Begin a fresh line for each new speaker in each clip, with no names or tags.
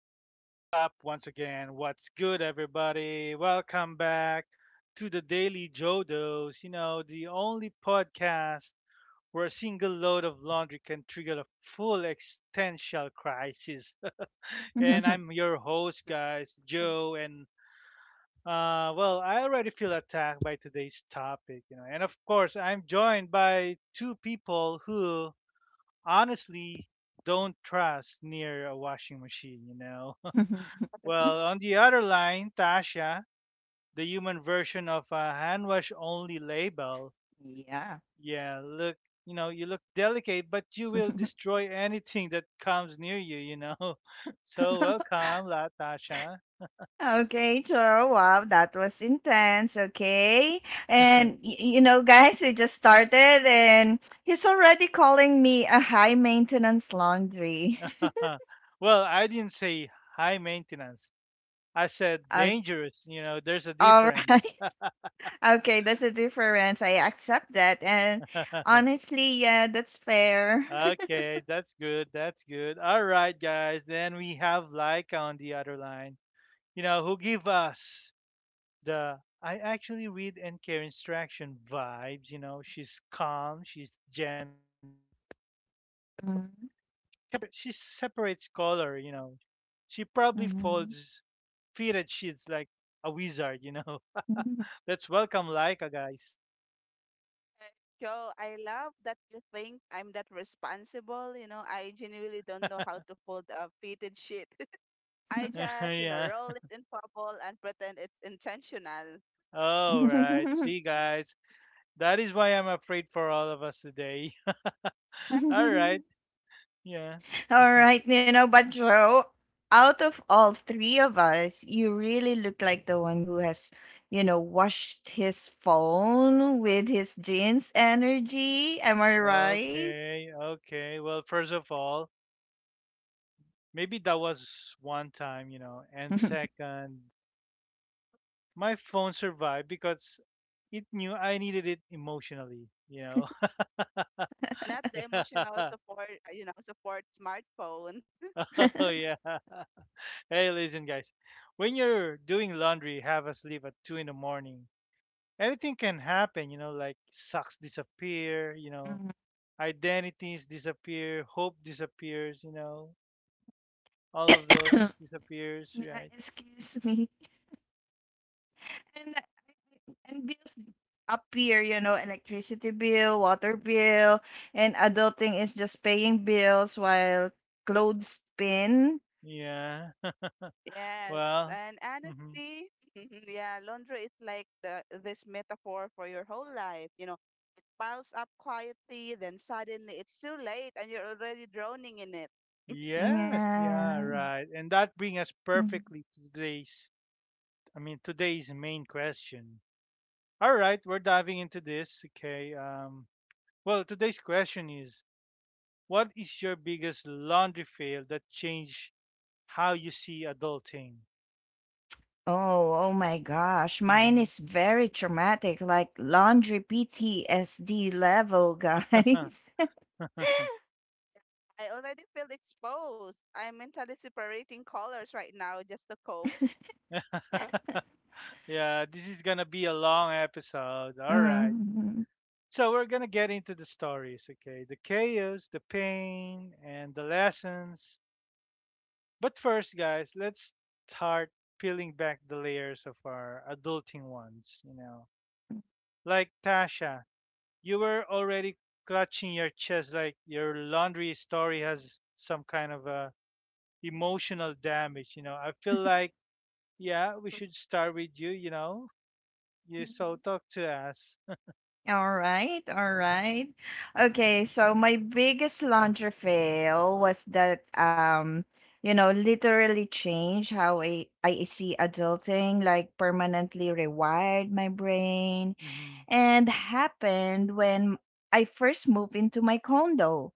what is up once again? What's good, everybody? Welcome back to the Daily Jodos, you know, the only podcast where a single load of laundry can trigger a full existential crisis. And I'm your host, guys, Joe, and well, I already feel attacked by today's topic, you know, and of course, I'm joined by two people who honestly don't trust near a washing machine, you know. Well, on the other line, Tasha, the human version of a hand wash only label.
Yeah.
Yeah, look, you know, you look delicate, but you will destroy anything that comes near you, you know. So welcome, La Tasha.
Okay, sure. Wow, that was intense. Okay. And, you know, guys, we just started and he's already calling me a high maintenance laundry.
Well, I didn't say high maintenance. I said
Uh,
dangerous, you know, there's a
all
difference.
right. Okay, that's a difference. I accept that. And honestly, yeah, that's fair.
Okay, that's good. That's good. All right, guys. Then we have Laika on the other line. You know, who give us the I actually read and care instruction vibes. You know, she's calm, she's gentle, she separates color. You know, she probably folds
Mhm,
fitted sheets like a wizard. You know, let's
mhm,
welcome Laika, guys.
Joe, I love that you think I'm that responsible. You know, I genuinely don't know how to fold a fitted sheet. I just
Yeah.
roll it in bubble and pretend it's intentional.
All right.
mhm.
See, guys, that is why I'm afraid for all of us today. All right. Yeah.
All right, but Joe, out of all three of us, you really look like the one who has, washed his phone with his jeans energy. Am I right?
Okay, okay. Well, first of all, maybe that was one time, you know, and second, my phone survived because it knew I needed it emotionally, you know?
Not the emotional support, support smartphone.
Oh, yeah. Hey, listen, guys. When you're doing laundry, have us leave at 2 in the morning. Anything can happen, you know, like socks disappear, you know,
Mhm.
identities disappear, hope disappears, you know, all of those disappears,
Yeah,
right?
excuse me. And bills appear, you know, electricity bill, water bill, and adulting is just paying bills while clothes spin.
Yeah.
Yes.
Well,
And
hmm
honestly, yeah, laundry is like the this metaphor for your whole life. You know, it piles up quietly, then suddenly it's too late and you're already drowning in it.
yes, yeah,
Yeah.
right. And that brings us
Mm-hmm.
perfectly to today's I mean, today's main question. All right, we're diving into this. Okay. Well, today's question is: what is your biggest laundry fail that changed how you see adulting?
Oh, oh my gosh. Mine
hmm
is very traumatic, like laundry PTSD level, guys.
I already feel exposed. I'm mentally separating colors right now just to cope.
yeah, this is going to be a long episode. All right.
Mhm.
So, we're going to get into the stories. Okay. The chaos, the pain, and the lessons. But first, guys, let's start peeling back the layers of our adulting ones, you know. Like Tasha, you were already clutching your chest like your laundry story has some kind of a emotional damage, you know, I feel like, yeah, we should start with you, you know, you, so talk to us.
All right, all right. Okay, so my biggest laundry fail was that literally changed how I see adulting, like permanently rewired my brain
Mm-hmm,
and happened when I first moved into my condo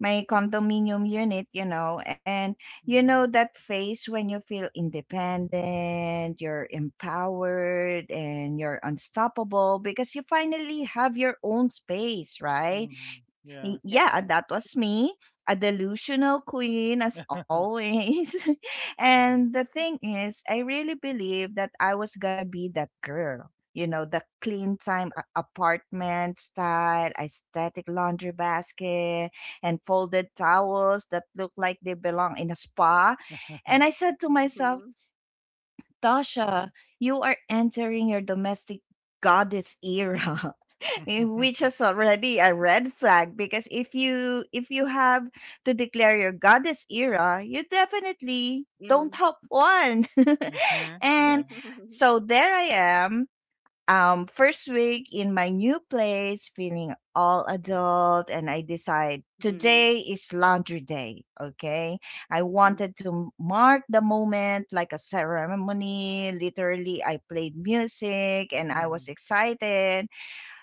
my condominium unit, you know, and you
mm-hmm,
know that phase when you feel independent, you're empowered, and you're unstoppable because you finally have your own space, right?
mm-hmm, yeah.
Yeah.
Yeah, that was me, a delusional queen as always.
mm-hmm.
And the thing is, I really believed that I was gonna be that girl. You know, the clean time apartment style, aesthetic laundry basket, and folded towels that look like they belong in a spa. And I said to myself,
Mm.
Tasha, you are entering your domestic goddess era. Which is already a red flag because if you have to declare your goddess era you definitely don't
Mm.
help one.
Yeah.
And
Yeah.
so there I am, first week in my new place, feeling all adult, and I decide
Mm.
today is laundry day. Okay, I
Mm.
wanted to mark the moment like a ceremony. Literally, I played music and I was
mm-hmm.
excited.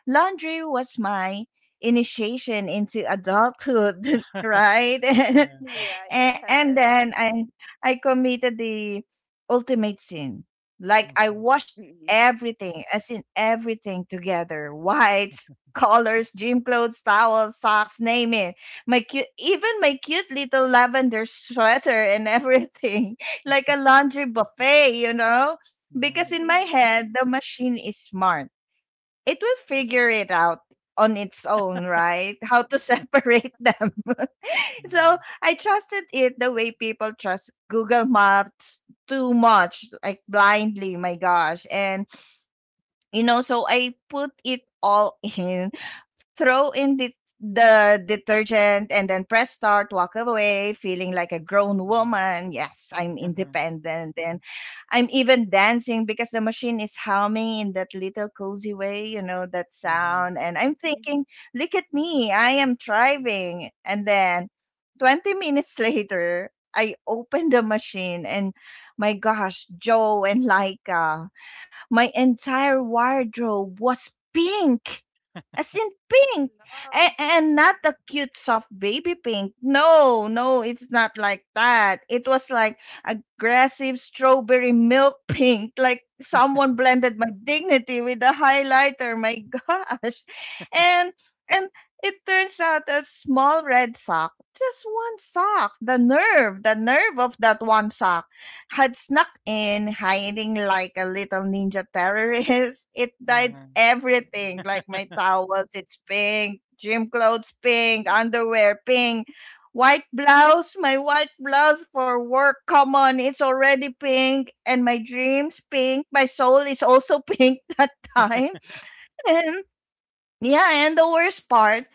Laundry was my initiation into adulthood. Right?
Yeah.
Yeah,
And
yeah.
then I committed the ultimate sin. Like I
Mhm.
washed
Mm.
everything, as in everything together, whites, colors, gym clothes, towels, socks, name it. Even my cute little lavender sweater and everything, like a laundry buffet, you know. Because
Mhm.
in my
Mm.
head, the machine is smart, it will figure it out on its own, right? How to separate them. So
Mhm.
I trusted it the way people trust Google Maps too much, like blindly, my gosh. And so I put it all in, throw in the detergent, and then press start, walk away, feeling like a grown woman. Yes, I'm
Mhm. Mhm.
independent, and I'm even dancing because the machine is humming in that little cozy way, you know that
Mhm.
sound, and I'm thinking, look at me, I am thriving. And then 20 minutes later I open the machine and, my gosh, Joe and Laika, my entire wardrobe was pink. As in
Oh
pink. A-
no.
and not the cute soft baby pink. No, no, it's not like that. It was like aggressive strawberry milk pink. Like someone blended my dignity with a highlighter. My gosh. And and it turns out a small red sock, just one sock, the nerve of that one sock had snuck in, hiding like a little ninja terrorist. It
Mhm.
dyed
Mhm.
everything, like my towels, it's pink, gym clothes, pink, underwear, pink, white blouse, my white blouse for work, come on, it's already pink, and my dreams, pink, my soul is also pink that time. Yeah, and the worst part,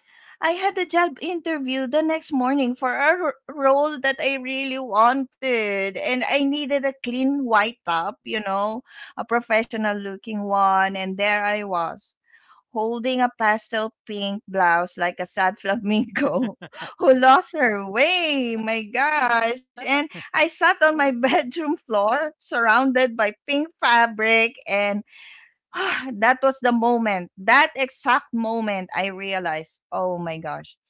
I had a job interview the next morning for a role that I really wanted. And I needed a clean white top, you know, a professional looking one. And there I was, holding a pastel pink blouse like a sad flamingo who lost her way. My gosh. And I sat on my bedroom floor, surrounded by pink fabric and, ah, that was the moment. That exact moment I realized, oh my gosh,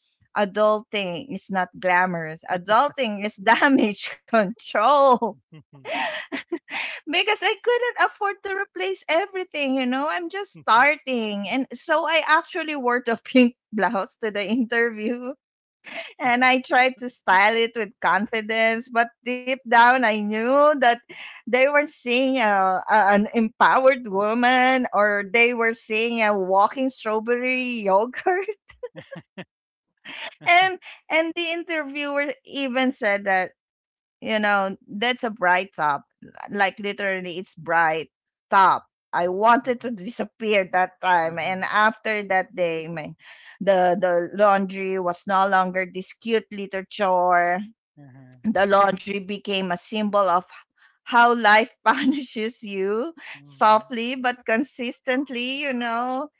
adulting is not glamorous. Adulting is damage control.
Mhm. Mhm.
Because I couldn't afford to replace everything, you know? I'm just starting. And so I actually wore the pink blouse to the interview and I tried to style it with confidence, but deep down I knew that they were seeing an empowered woman or they were seeing a walking strawberry yogurt. And and the interviewer even said that, that's a bright top. Like literally it's bright top. I wanted
Mhm.
to disappear that time and after that day my the laundry was no longer this cute little chore, the laundry became a symbol of how life punishes you
Mhm.
softly but consistently, you know.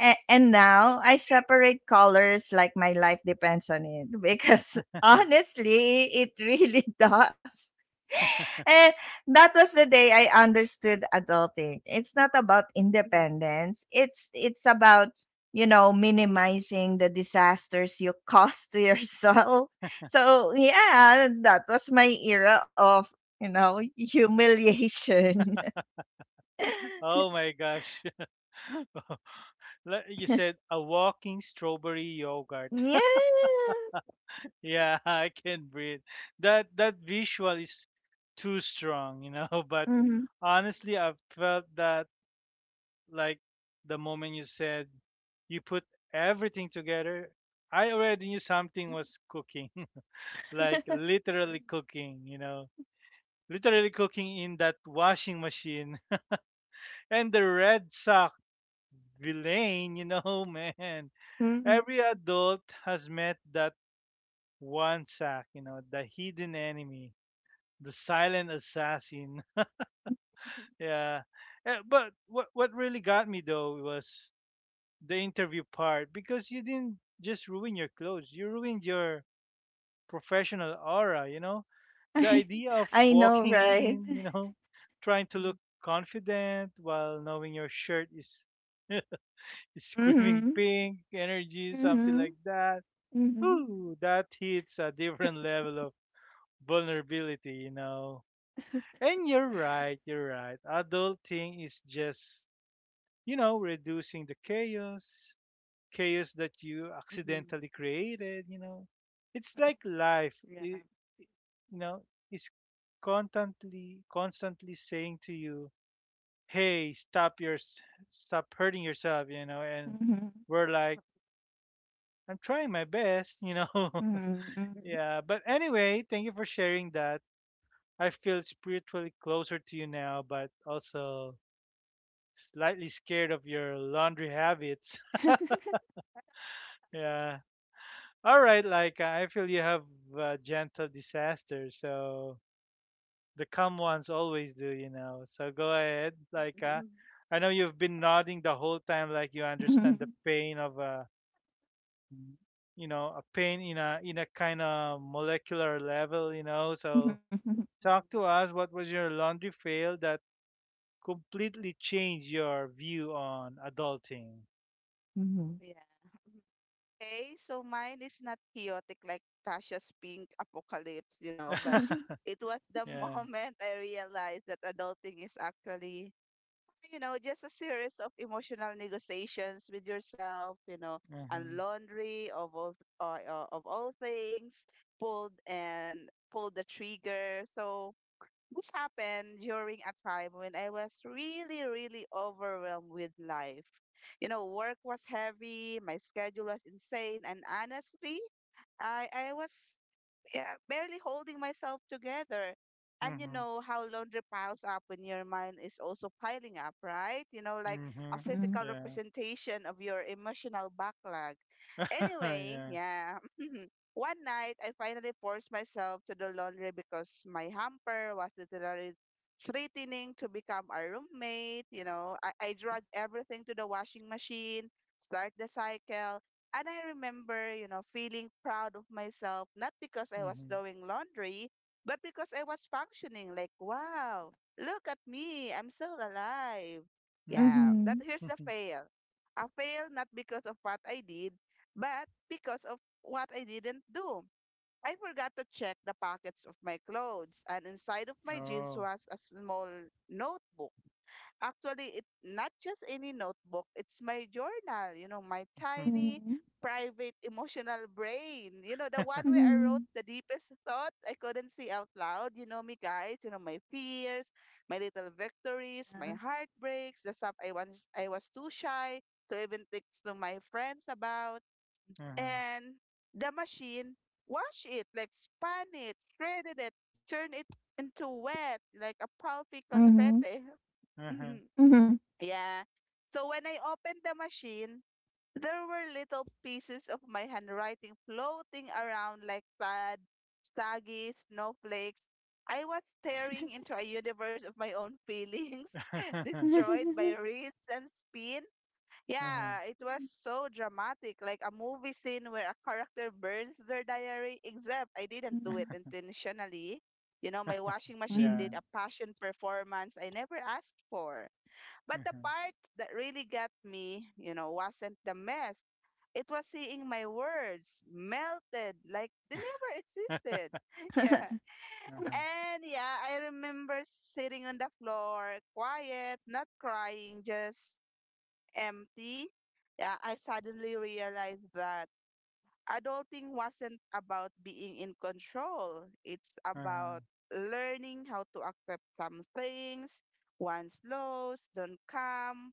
And now I separate colors like my life depends on it because,
Mhm.
honestly, it really does. And that was the day I understood adulting. It's not about independence. It's about minimizing the disasters you cause to yourself. So yeah, that was my era of humiliation.
Oh my gosh. Le- you said a walking strawberry yogurt.
Yeah.
Yeah, I can breathe. That visual is too strong, you know, but
Mhm.
honestly, I felt that, like the moment you said you put everything together, I already knew something was cooking. Like literally cooking, you know. Literally cooking in that washing machine. And the red sock villain, you know, man. Every adult has met that one sack, you know, the hidden enemy, the silent assassin. Yeah. But what really got me though was the interview part because you didn't just ruin your clothes, you ruined your professional aura, you know? The
I
idea of
I know,
walking
right?
in, you know, trying to look confident while knowing your shirt is screaming
Mhm.
pink energy, something
Mhm.
like that.
Mhm.
Ooh, that hits a different level vulnerability, you know. And you're right, you're right. Adulting is just, you know, reducing the chaos, chaos that you
Mm.
accidentally created, you know. It's like
Yeah.
i- you know, is constantly saying to you, hey, stop hurting yourself, you know. And
Mhm.
we're like, I'm trying my best, you know.
Mhm.
Yeah. But anyway, thank you for sharing that. I feel spiritually closer to you now, but also slightly scared of your laundry habits. Yeah. All right, like I feel you have a gentle disaster, so the calm ones always do, you know. So go ahead, like I know you've been nodding the whole time, like you understand the
Mhm.
pain of you know, a pain in a kind of molecular level, you know. So
Mhm.
talk to us. What was your laundry fail that completely change your view on adulting.
Mhm.
Yeah. Okay, so mine is not chaotic like Tasha's pink apocalypse, but it was the
Yeah.
moment I realized that adulting is actually just a series of emotional negotiations with yourself and
Mhm.
laundry of all things, pulled the trigger. So this happened during a time when I was really, really overwhelmed with life. You know, work was heavy, my schedule was insane, and honestly, I was yeah, barely holding myself together. And you
Mhm.
know how laundry piles up when your mind is also piling up, right? You know, like a
Mhm.
physical
Yeah.
representation of your emotional backlog. Anyway,
Yeah.
yeah. One night, I finally forced myself to do laundry because my hamper was literally threatening to become a roommate. You know, I dragged everything to the washing machine, start the cycle, and I remember feeling proud of myself, not because I was
Mhm.
doing laundry, but because I was functioning like, wow, look at me, I'm still alive. Yeah,
Mhm.
Mhm.
but here's the
Mhm.
fail. I failed not because of what I did, but because of what I didn't do. I forgot to check the pockets of my clothes, and inside of my jeans
Oh.
was a small notebook. Actually, it not just any notebook, it's my journal. You know, my
Mhm.
tiny
Mhm.
private emotional brain. You know, the one
Mhm.
where I wrote
Mhm.
the deepest thought I couldn't say out loud. You know me, guys. You know, my fears, my little victories,
Yeah.
my heartbreaks, the stuff I was too shy to even text to my friends about.
Mhm.
And the machine wash it, like span it, shredded it, turn it into wet like a pulpy
Mhm.
confetti.
Mhm.
Mhm.
Yeah. So when I opened the machine, there were little pieces of my handwriting floating around like sad, saggy snowflakes. I was staring into a universe of my own feelings,
Mhm. Mhm.
destroyed
Mhm.
by wrists and spin.
Mhm.
Yeah, it was so dramatic, like a movie scene where a character burns their diary, except I didn't do it intentionally. You know, my washing machine
Yeah.
did a passion performance I never asked for. But the
Mhm.
part that really got me wasn't the mess. It was seeing my words melted like they never existed. Yeah.
Uh-huh.
And yeah, I remember sitting on the floor, quiet, not crying, just empty. Yeah, I suddenly realized that adulting wasn't about being in control. It's
Uh-huh.
about learning how to accept some things. One's lows don't come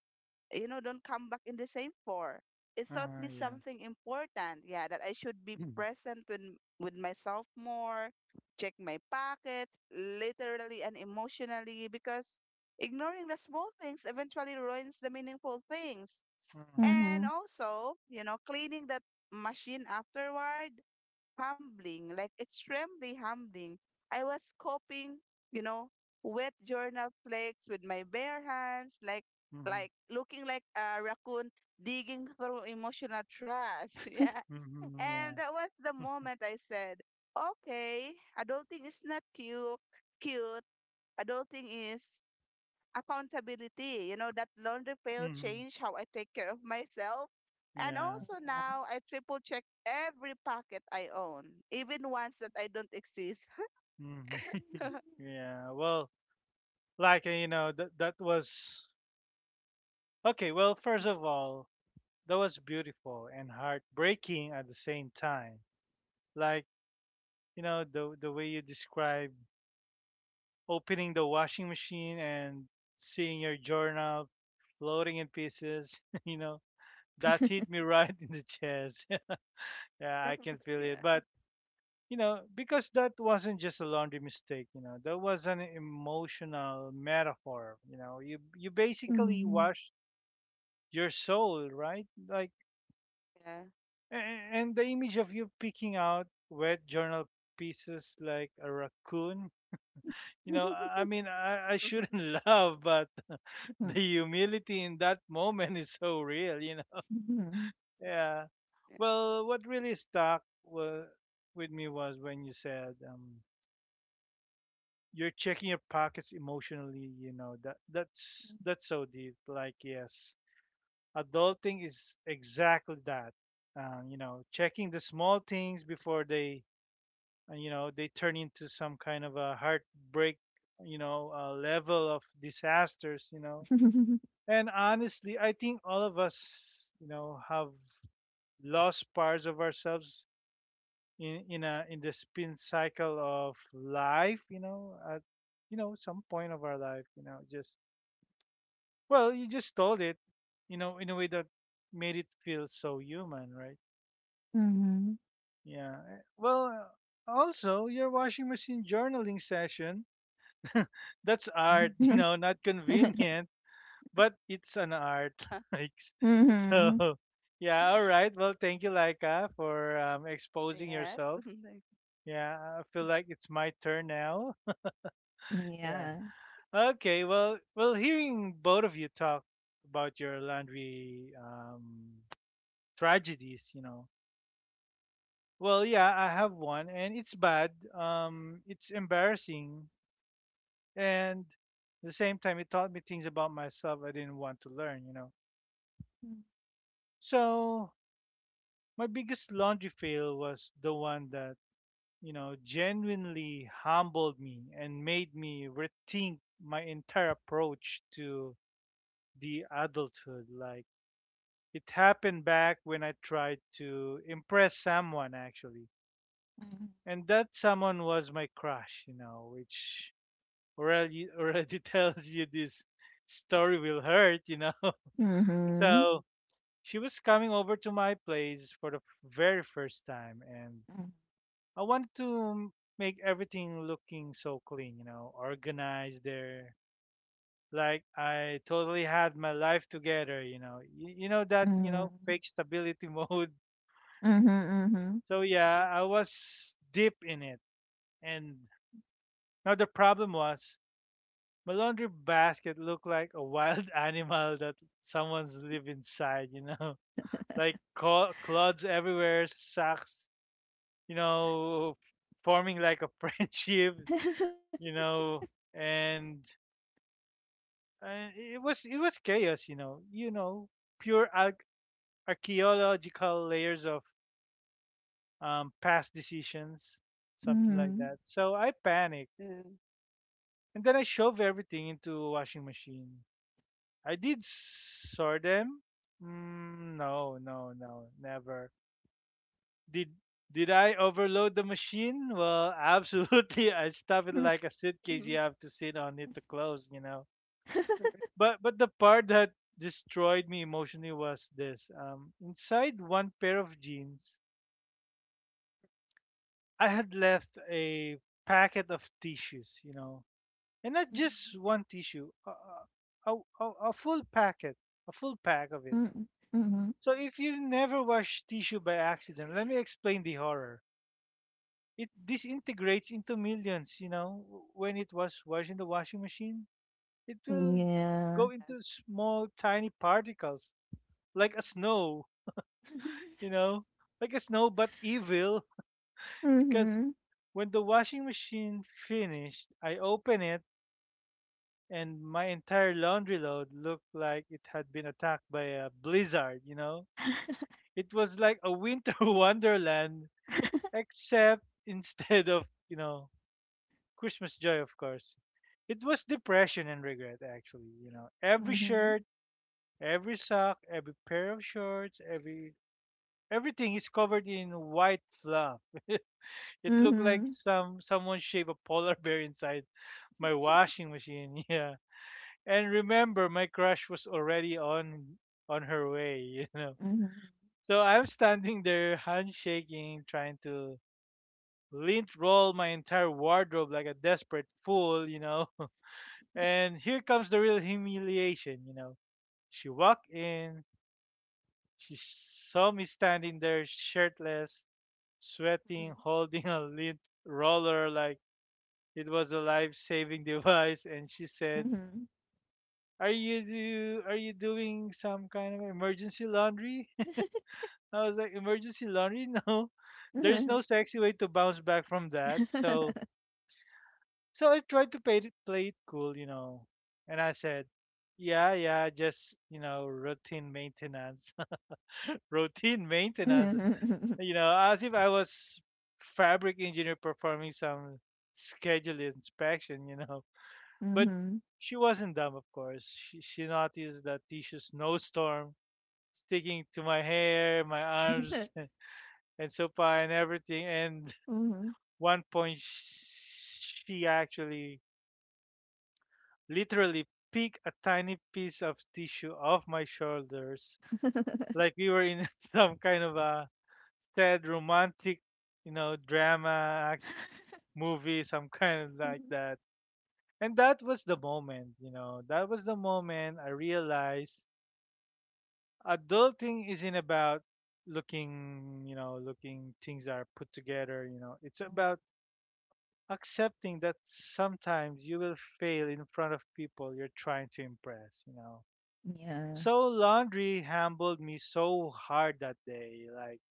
you know, don't come back in the same for. It taught
Uh-huh.
me
Yeah.
something important. Yeah, that I should be
Mhm.
present with myself more, check my pocket, literally and emotionally, because ignoring the small things eventually ruins the meaningful things.
Mhm.
And also cleaning that machine afterward humbling, like extremely humbling. I was coping, you know, wet journal flakes with my bare hands, like
Mhm.
like looking like a raccoon digging through emotional trash. Yeah.
Mhm. Yeah.
And that was the moment I said, okay, adulting is not cute, cute. Adulting is accountability. You know, that laundry pail
Mhm.
changed how I take care of myself. And
Yeah.
also now I triple check every packet I own, even ones that I don't exist.
Mhm. Yeah. Well, like you know, that was okay. Well, first of all, that was beautiful and heartbreaking at the same time. Like, you know, the way you describe opening the washing machine and seeing your journal floating in pieces, you know, that hit me right in the chest. Yeah, I can feel
Yeah.
it. But, you know, because that wasn't just a laundry mistake, you know, that was an emotional metaphor, you know. You basically washed your soul, right?
Yeah.
And the image of you picking out wet journal pieces like a raccoon, you know, I mean, I shouldn't laugh, but the humility in that moment is so real, you know. Yeah. Well, what really with me was when you said you're checking your pockets emotionally, you know, that's so deep. Like, yes, adulting is exactly that. You know, checking the small things before they and you know they turn into some kind of a heartbreak, you know, level of disasters, you know.
Yeah.
And honestly, I think all of us, you know, have lost parts of ourselves in the spin cycle of life, you know, at you know some point of our life, you know. Just well, you just told it, you know, in a way that made it feel so human, right? Yeah. Well, also your washing machine journaling session, that's art, you know, not
Yeah. Mhm. Mhm. Mhm. Mhm. Mhm.
convenient, but it's an art. Like, s- so, yeah, all right. Well, thank you, Laika, for exposing
Yes.
yourself.
Like,
Yeah, I feel like it's my turn now.
Yeah.
Yeah. Okay. Well, well, hearing both of you talk about your laundry tragedies, you know. Well, yeah, I have one, and it's bad. It's embarrassing, and at the same time, it taught me things about myself I didn't want to learn. You know. So my biggest laundry fail was the one that, you know, genuinely humbled me and made me rethink my entire approach to the adulthood. Like it happened back when I tried to impress someone actually. And that someone was my crush, you know, which already tells you this story will hurt, you know.
Mhm.
So she was coming over to my place for the very first time and I wanted to make everything looking so clean, you know, organized there. Like I totally had my life together, you know. You know that, you know,
Mm.
fake stability mode.
Mhm.
So
uh-huh.
yeah, I was deep in it. And now the problem was my laundry basket looked like a wild animal that someone's lived inside, you know. Like clods everywhere, socks, you know, forming like a friendship, you know, and it was chaos, you know, pure archaeological layers of past decisions,
Mhm,
something like that.
mhm.
So I panicked,
Yeah.
and then I shove everything into a washing machine. I did sort them. Mm, no, no, no, never. Did did I overload the machine? Well, absolutely. I stuffed it
Mhm.
like a suitcase. You have to sit on it to close, you know.
Yes.
But the part that destroyed me emotionally was this, inside one pair of jeans I had left a packet of tissues, you know, and not just one tissue, a full packet, a full pack of it.
Hmm. Mhm.
So if you never wash tissue by accident, let me explain the horror. It disintegrates into millions, you know. When it was washed in the washing machine, it will
Yeah.
go into small tiny particles, like a snow, you know, like a snow but evil. Because
Mhm,
when the washing machine finished, I opened it and my entire laundry load looked like it had been attacked by a blizzard, you know? It was like a winter wonderland, except instead of, you know, Christmas joy, of course. It was depression and regret, actually, you know. Every
mhm.
shirt, every sock, every pair of shorts, everything is covered in white fluff. It looked like
Mhm,
someone shaved a polar bear inside my washing machine. Yeah. And remember my crush was already on her way, you know.
mhm. Mhm.
So I'm standing there handshaking, trying to lint roll my entire wardrobe like a desperate fool, you know. And here comes the real humiliation, you know. She walked in, she saw me standing there shirtless, sweating, holding a lint roller like it was a life-saving device, and she said,
Mhm.
"Are you do are you doing some kind of emergency laundry?" I was like, "Emergency laundry? No. There's no
Mhm.
sexy way to bounce back from that."
Mhm.
So so I tried to play it cool, you know, and I said, "Yeah, yeah, just routine maintenance, routine maintenance." You know, as if I was fabric engineer performing some scheduled inspection, you know. But
Mhm.
she wasn't dumb, of course. She noticed that tissue snowstorm sticking to my hair, my arms, and so far, and everything. And one point, she actually literally picked a tiny piece of tissue off my shoulders, like we were in some kind of a sad romantic, drama movie, some kind of like
Mm,
that. And that was the moment, that was the moment I realized adulting isn't about looking looking things are put together it's about accepting that sometimes you will fail in front of people you're trying to impress, you know.
yeah.
So laundry humbled me so hard that day, like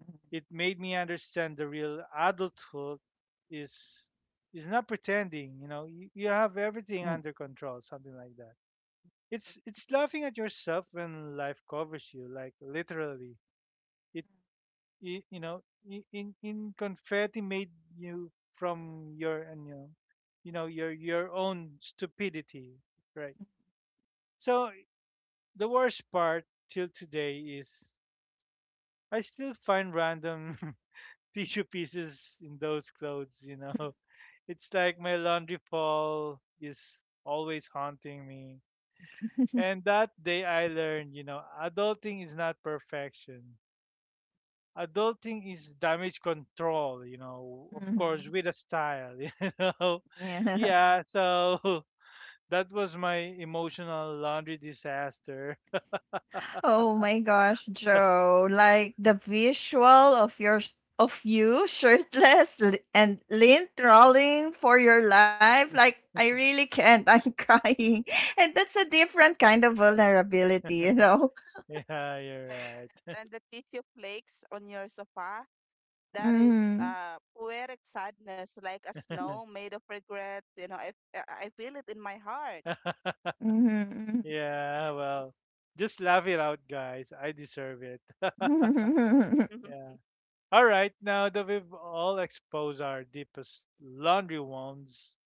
Mhm.
it made me understand the real adulthood is is not pretending, you, you have
Mm.
everything under control, something like that. It's laughing at yourself when life covers you, like literally it i- you know in confetti made you from your and you know your own stupidity, right? So the worst part till today is I still find random tissue pieces in those clothes, you know. It's like my laundry fall is always haunting me. And that day I learned, you know, adulting is not perfection. Adulting is damage control, you know, of course,
Mhm.
with a style, you know.
Yeah.
Yeah, so that was my emotional laundry disaster.
Oh my gosh, Joe. Like the visual of of you shirtless and lint rolling for your life. Like I really can't. I'm crying. And that's a different kind of vulnerability, you know?
Yeah, you're right.
Yes. And the tissue flakes on your sofa, that is
Mm-hmm.
poetic sadness, like a snow made of regret. You know, I feel it in my heart.
Mm-hmm.
Yeah, well, just laugh it out, guys. I deserve it.
Mm-hmm. Mm-hmm.
Yeah.
Mhm.
All right, now that we've all exposed our deepest laundry wounds,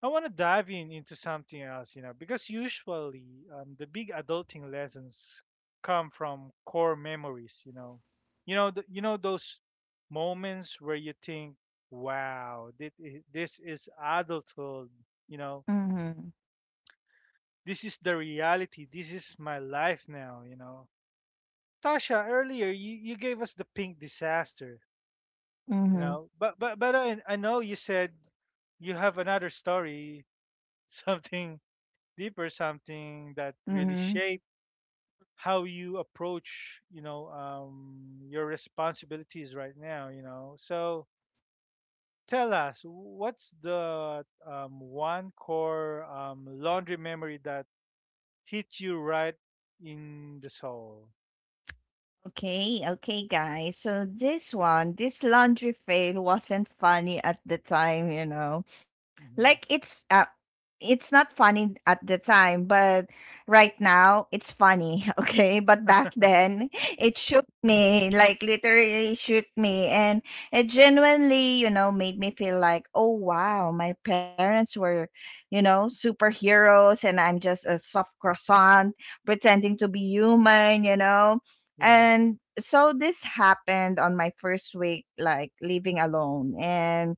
I want to dive in into something else, you know, because usually the big adulting lessons come from core memories, you know, you know those moments where you think, "Wow, this is adulthood," you know,
Mm-hmm.
this is the reality, this is my life now, you know. Tasha, earlier you gave us the pink disaster, you
Mm-hmm,
know, but I know you said you have another story, something deeper, something that really
mm-hmm.
shape how you approach, you know, your responsibilities right now, you know. So tell us, what's the one core laundry memory that hit you right in the soul?
Okay, okay, guys. So this one, this laundry fail wasn't funny at the time, you know. Like
Hmm.
it's not funny at the time, but right now it's funny. Okay? But back then it shook me, like literally shook me, and it genuinely, made me feel like, "Oh wow, my parents were, superheroes and I'm just a soft croissant pretending to be human, you know?"
Yeah.
And so this happened on my first week, like living alone. And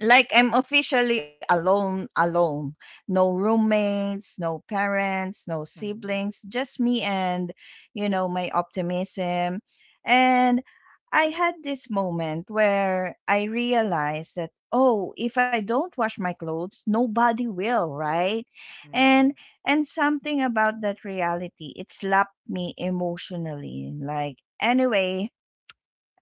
like I'm officially alone, alone. No roommates, no parents, no
Hmm.
siblings, just me and, my optimism. And I had this moment where I realized that, oh, if I don't wash my clothes, nobody will, right? And
Hmm.
and something about that reality, it slapped me emotionally. Like anyway,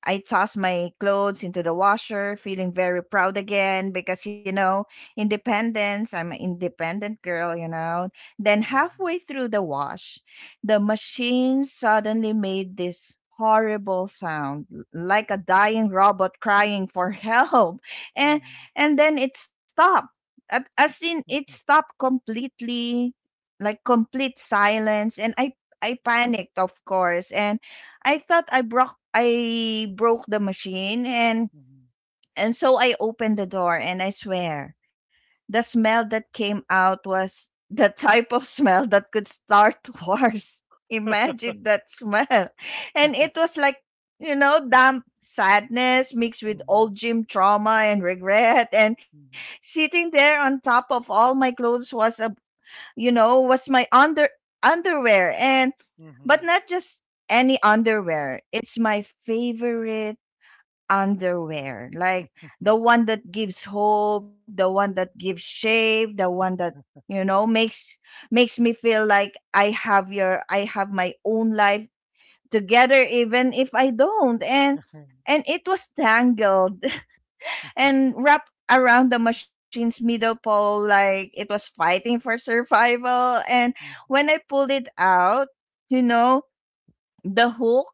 I tossed my clothes into the washer, feeling very proud again because, independence, I'm an independent girl. Then,
Hmm.
halfway through the wash, the machine suddenly made this horrible sound like a dying robot crying for help,
Hmm.
and
Hmm.
and then it stopped. As in it stopped completely, like complete silence, and I panicked, of course, and I thought I broke the machine. and
Mhm,
and so I opened the door and I swear the smell that came out was the type of smell that could start wars. Imagine that smell. And it was like, damp sadness mixed with
mhm,
old gym trauma and regret, and
mhm,
sitting there on top of all my clothes was a, you know what's, my underwear, and but
mhm,
not just any underwear, it's my favorite underwear, like the one that gives hope, the one that gives shape, the one that, you know, makes me feel like I have my own life together even if I don't. And it was tangled
mhm,
and wrapped around the machine's middle pole like it was fighting for survival. And
mhm,
when I pulled it out, you know, the hook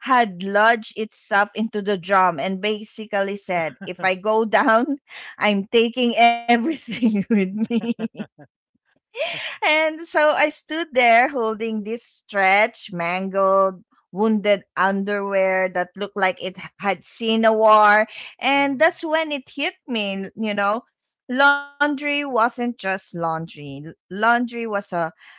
had lodged itself into the drum and basically said, if I go down, I'm taking everything with me, and so I stood there holding this stretched, mangled, wounded underwear that looked like it had seen a war. And
mhm,
that's when it hit me. Laundry wasn't just laundry. Laundry was a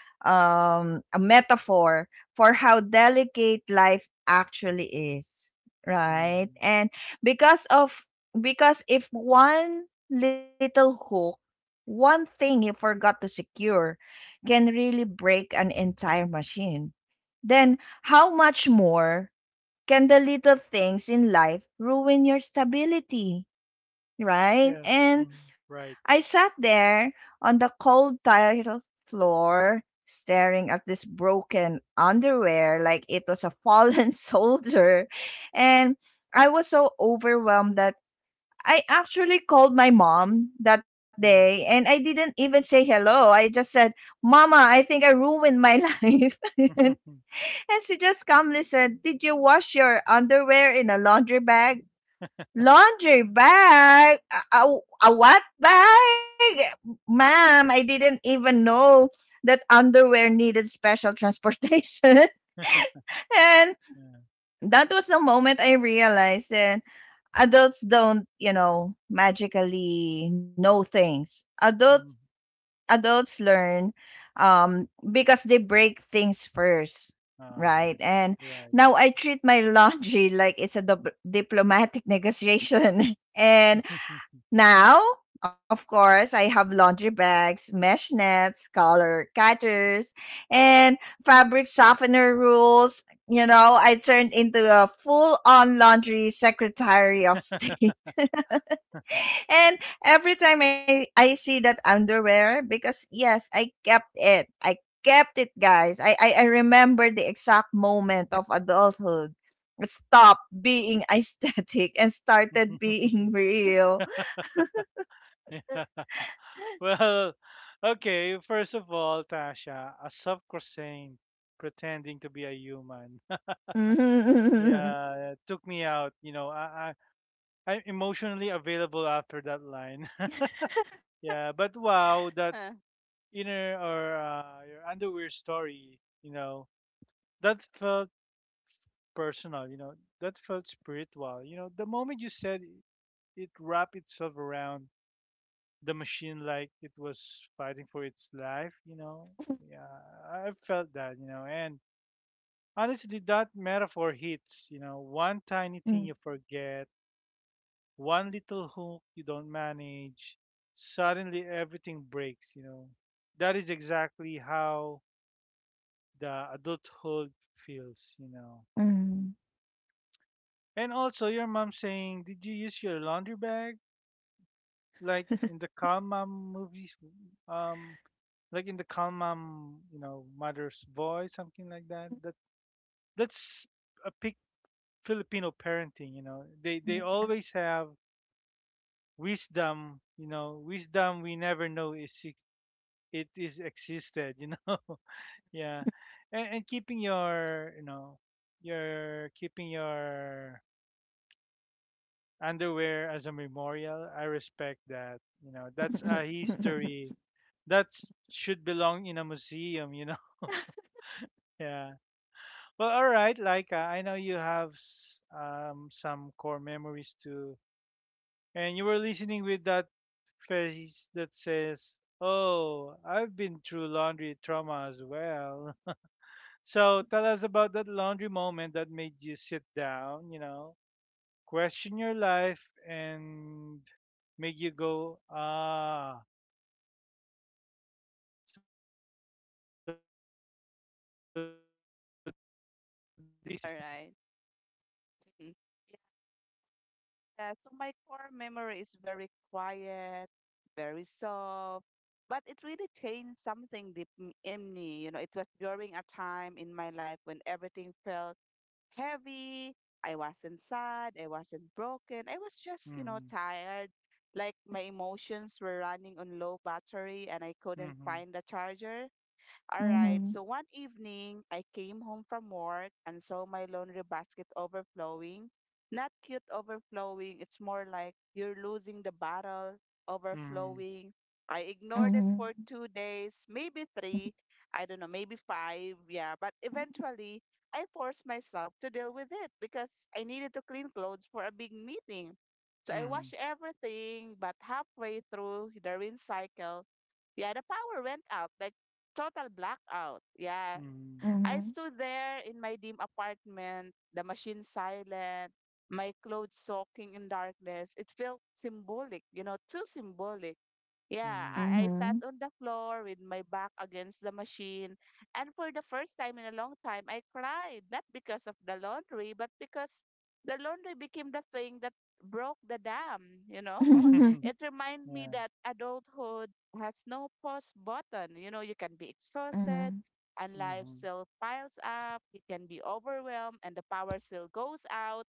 um, a metaphor for how delicate life actually is, right?
mhm.
And because of because if one little hook, one thing you forgot to secure can really break an entire machine, then how much more can the little things in life ruin your stability, right?
Yeah.
And
Mhm. Right.
I sat there on the cold tile floor, staring at this broken underwear like it was a fallen soldier. And I was so overwhelmed that I actually called my mom that day
Mhm.
and I didn't even say hello. I just said, Mama, I think I ruined my life. and and she just calmly said, did you wash your underwear in a laundry bag? Laundry bag? A, a, a what bag? Ma'am, I didn't even know that underwear needed special transportation. And
Yeah.
that was the moment I realized that adults don't, magically know things. Adults
Mm.
adults learn because they break things first,
Oh,
right?
yeah.
And
Right.
now I treat my laundry like it's a diplomatic negotiation. And now, of course, I have laundry bags, mesh nets, color catchers, and fabric softener rules. You know, I turned into a full on laundry secretary of state. And every time I see that underwear, because yes, I kept it. I kept it, guys. I remember the exact moment of adulthood. Stop being aesthetic and started being real.
Yeah. Well, okay. First of all, Tasha, a soft croissant pretending to be a human.
嗯哼
Yeah, it took me out. You know, I'm emotionally available after that line. Yeah, but wow, that
Uh,
inner or your underwear story. You know, that felt personal. You know, that felt spiritual. You know, the moment you said it, it wrapped itself around the machine like it was fighting for its life, you know. Yeah, I felt that, you know. And honestly, that metaphor hits, you know, one tiny thing
嗯
you forget, one little hook you don't manage, suddenly everything breaks, you know. That is exactly how the adulthood feels, you know.
嗯
And also, your mom saying, "Did you use your laundry bag?" Like in the calm mom movies, um, like in the calm mom, you know, mother's voice, something like that. That's a pic Filipino parenting. You know, they always have wisdom. You know, wisdom we never know it is existed. You know, yeah, and keeping your keeping your underwear as a memorial. I respect that. You know, that's a history that should belong in a museum. You know, yeah. Well, all right, Laika. I know you have some core memories too, and you were listening with that face that says, "Oh, I've been through laundry trauma as well." So tell us about that laundry moment that made you sit down, you know, question your life, and make you go, "Ah, so this is my life."
all right. Mhm. Yeah, so my core memory is very quiet, very soft, but it really changed something deep in me. You know, it was during a time in my life when everything felt heavy. I wasn't sad, I wasn't broken, I was just
Mhm,
tired. Like my emotions were running on low battery and I couldn't
mhm,
find the charger. All right,
嗯
so one evening I came home from work and saw my laundry basket overflowing. Not cute overflowing, it's more like you're losing the battle,
mhm,
overflowing. I ignored it
嗯
for 2 days, maybe three, I don't know, maybe five, yeah. But eventually, I forced myself to deal with it because I needed to clean clothes for a big meeting. So I washed everything, but halfway through the rinse cycle, yeah, the power went out, like total blackout. Yeah.
嗯
mhm,
嗯。嗯
I
哼
stood there in my dim apartment, the machine silent, my clothes soaking in darkness. It felt symbolic, you know, too symbolic.
mhm,
Yeah,
嗯
mhm.
I
哼
sat on the floor with my back against the machine. And for the first time in a long time, I cried, not because of the laundry, but because the laundry became the thing that broke the dam, you know. It reminded me
Yeah.
that adulthood has no pause button. You know, you can be exhausted,
嗯
and life
Mm-hmm.
still piles up. You can be overwhelmed and the power still goes out.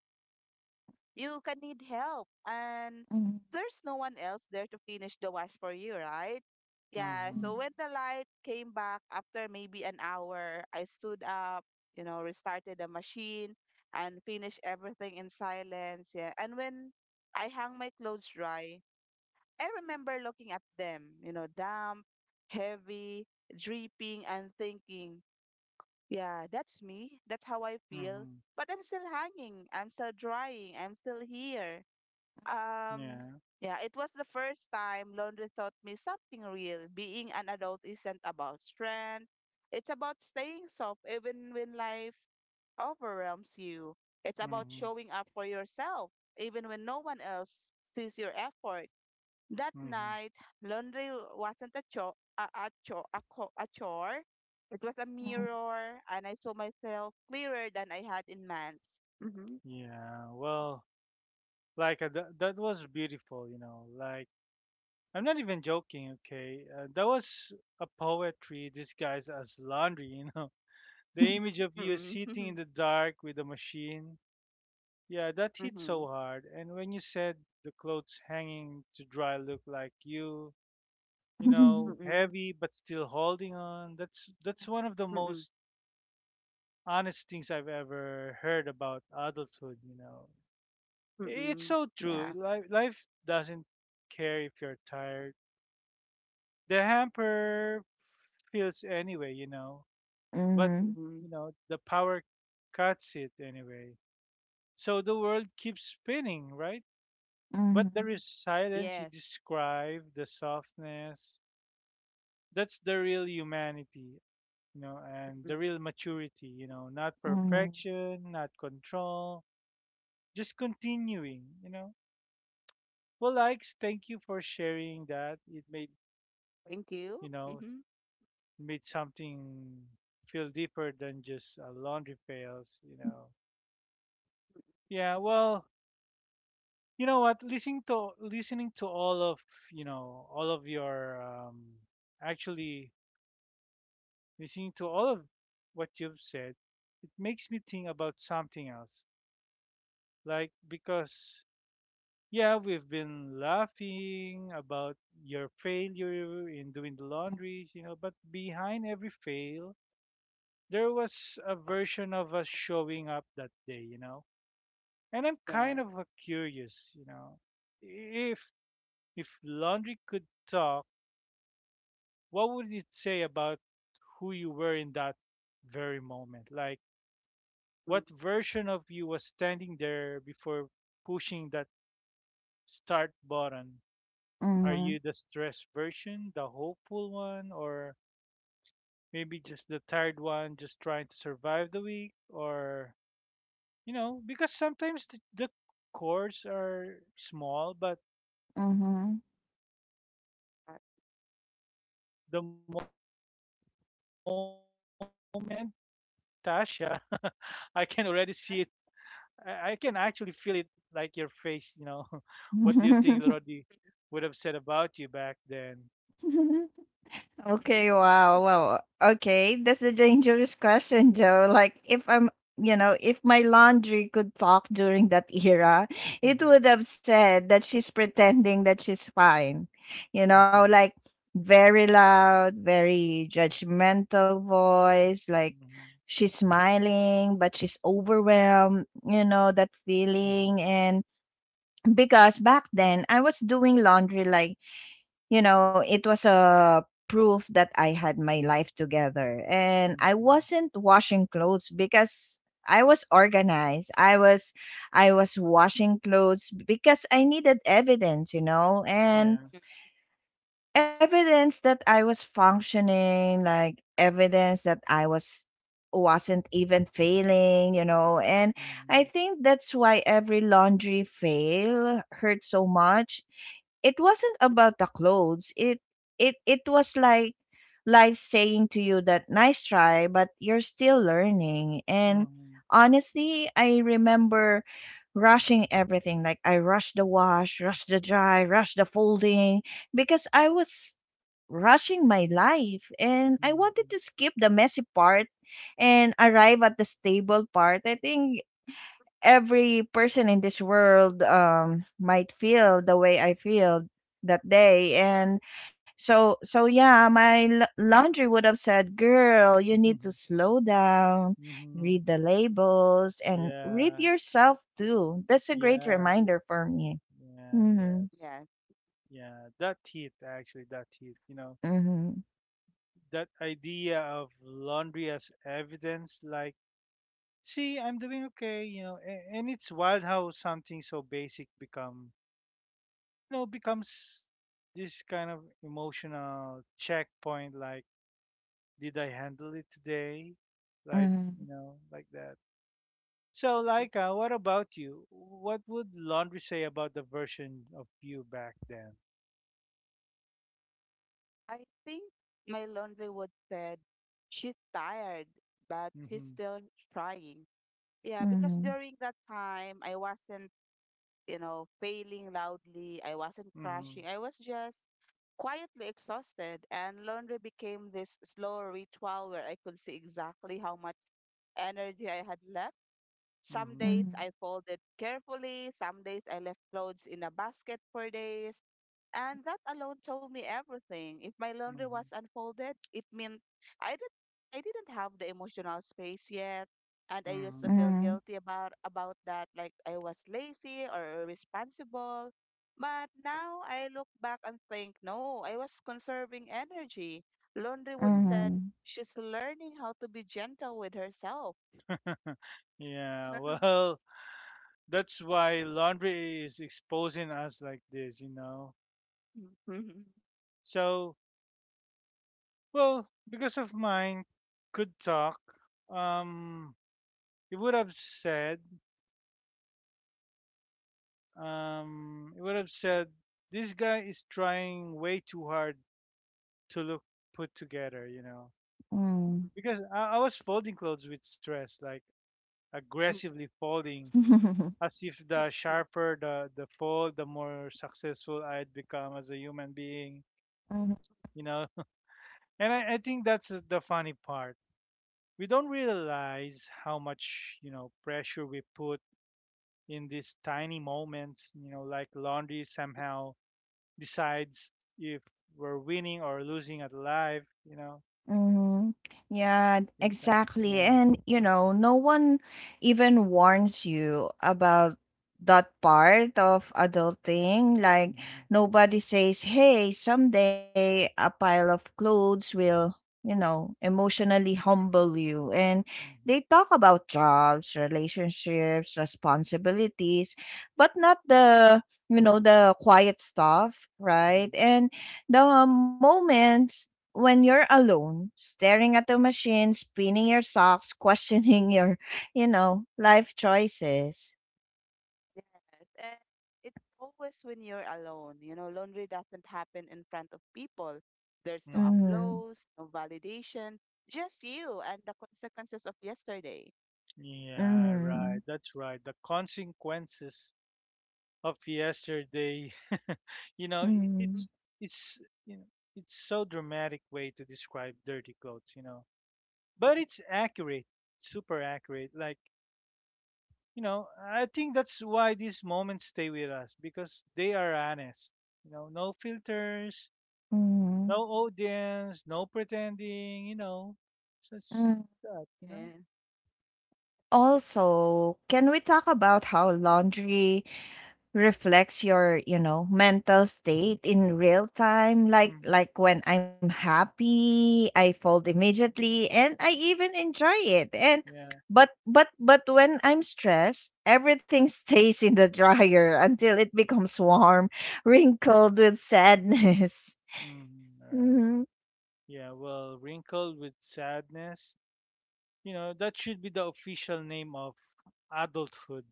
You can need help and
哼
there's no one else there to finish the wash for you, right? Yeah,
Mm-hmm.
so when the light came back after maybe an hour, I stood up, restarted the machine and finished everything in silence. Yeah. And when I hung my clothes dry, I remember looking at them, damp, heavy, dripping, and thinking, yeah, that's me. That's how I feel.
Mm-hmm.
But I'm still hanging. I'm still drying. I'm still here. Um,
Yeah.
yeah, it was the first time laundry taught me something real. Being an adult isn't about strength. It's about staying soft even when life overwhelms you. It's about
Mm-hmm.
showing up for yourself even when no one else sees your effort. That
Mm-hmm.
night, laundry wasn't a chore, a, co- a chore. It was a mirror, and I saw myself clearer than I had in months. Mm-hmm.
Yeah. Well, like that was beautiful, you know. Like I'm not even joking. Okay, that was a poetry disguised as laundry. You know, the image of you sitting in
Mm-mm.
the dark with a machine. Yeah, that hit so
Mm-mm.
hard. And when you said the clothes hanging to dry look like you
嗯
know,
哼
Mm-mm. Mm-mm.
heavy but still holding on. That's one of the
Mm-mm.
most honest things I've ever heard about adulthood, you know. It's
Mm-mm.
so true.
Yeah.
Life doesn't care if you're tired. The hamper feels anyway, you know, but you
Mm-mm.
know the power cuts it anyway. So the world keeps spinning, right?
嗯
But
哼
there
嗯
is silence you
Yes.
describe, the softness. That's the real humanity, you know, and the real
Mm-mm.
maturity, you know, not
嗯嗯。嗯嗯
perfection, not control, just continuing, you know. Well, likes, thank you for sharing that. It made,
Thank you.
you know,
Mm-hmm.
made something feel deeper than just laundry pails, you know. Yeah, well, you know what? Listening to all of all of your actually listening to all of what you've said, it makes me think about something else. Like because yeah, we've been laughing about your failure in doing the laundry, you know, but behind every fail there was a version of us showing up that day, you know. And I'm
Yes.
kind of curious, you know, if if laundry could talk, what would it say about who you were in that very moment? Like,
Mm.
what version of you was standing there before pushing that start button? Are
嗯
you the stressed version, the hopeful one, or maybe just the tired one, just trying to survive the week, or you know, because sometimes the chords are small, but
嗯嗯嗯
the moment in life
Uh,
was, you know, and Tasha, I can already see it. I can actually feel it like your face, you know. What do you think Lorodi
嗯。
would have said about you back then?
mhm.
Okay, wow. Wow. Okay, that's a dangerous question, Joe. Like if I'm, if my laundry could talk during that era, it would have said that she's pretending that she's fine.
Mhm,
You
mhm,
know, like very loud, very judgmental voice, like
mhm,
she's smiling but she's overwhelmed, that
mhm,
feeling. And because back then I was doing laundry like, it was a proof that I had my life together. And I
mhm.
wasn't washing clothes because I was organized. I was washing clothes because I needed evidence.
Yeah.
And
Mm,
evidence that I was functioning, like evidence that I was wasn't even failing. And
Mhm,
I think that's why every laundry fail hurt so much. It wasn't about the clothes. It was like life saying to you that nice try, but you're still learning. And
mhm,
honestly, I remember rushing everything. Like I rushed the wash, rushed the dry, rushed the folding because I was rushing my life and I wanted to
mhm,
skip the messy part and arrive at the stable part. I think every person in this world might feel the way I feel that day. And so yeah, my laundry would have said, girl, you need
mhm,
to slow down,
mhm.
read the labels, and read
Yeah.
yourself too. That's a great
Yeah.
reminder for me.
Yeah.
Mhm.
Yes.
yes.
Yeah, that heat actually, that heat, you know,
Mhm.
that idea of laundry as evidence, like, see, I'm doing okay, you know, and it's wild how something so basic become, you know, becomes this kind of emotional checkpoint, like, did I handle it today? Like,
Mhm.
you know, like that. So,
Mhm.
Laika, what about you? What would laundry say about the version of you back then?
I think my laundry would said, she's tired, but she's
Mm-hmm,
still trying. Yeah, because during that time, I wasn't failing loudly. I wasn't
mm-hmm,
crashing. I was just quietly exhausted. And laundry became this slow ritual where I could see exactly how much energy I had left. Some
mm-hmm,
days
Mhm.
I folded carefully. Some days I left clothes in a basket for days. And that alone told me everything. If my laundry
mm-hmm,
was unfolded, it meant I didn't I didn't have the emotional space yet. And I used to
mm-hmm.
feel
Mhm.
guilty about that, like I was lazy or irresponsible. But now I look back and think, no, I was conserving energy. Laundry would said
Mhm.
Mhm.
she's learning how to be gentle with herself.
Yeah, well, that's why laundry is exposing us like this, you know. So, well, because of mine, could talk. Um, it would have said, it would have said, this guy is trying way too hard to look put together, you know.
Mhm.
Because I was folding clothes with stress, like aggressively folding
Mhm.
as if the sharper the fall, the more successful I'd become as a human being, you know. And I think that's the funny part. We don't realize how much, you know, pressure we put in these tiny moments, you know, like laundry somehow decides if we're winning or losing at life, you know,
Mm-hmm. Yeah,
things like
exactly.
yeah.
And no one even warns you about that part of adulting. Like
Hmm.
nobody says, "Hey, someday a pile of clothes will, emotionally humble you." And they
Hmm.
talk about jobs, relationships, responsibilities, but not the, the quiet stuff, right?
Hmm.
And the moments when you're alone, staring at the machine, spinning your socks, questioning your, life choices.
Yes, and it's always when you're alone. You know, laundry doesn't happen in front of people. There's no
Hmm.
Mm-hmm.
applause, no validation, just you and the consequences of yesterday.
Yeah,
Mm-hmm.
right. That's right. The consequences of yesterday. You know,
Mm-hmm.
it's you know it's so dramatic way to describe dirty clothes. You know, but
Mhm.
it's accurate, super accurate. Like you know, I think that's why these moments stay with us because they are honest. You know, no filters,
Mm-hmm.
no audience, no pretending. You know, so it's
Mm-hmm.
that. You know.
Yeah.
Also, can we talk about how laundry reflects your mental state in real time? Like
Mhm.
when I'm happy I fold immediately and I even enjoy it. and
Yeah.
but but but when I'm stressed, everything stays in the dryer until it becomes warm, wrinkled with sadness.
Mhm. All right.
Mhm.
Yeah. Well, wrinkled with sadness, you know, that should be the official name of adulthood.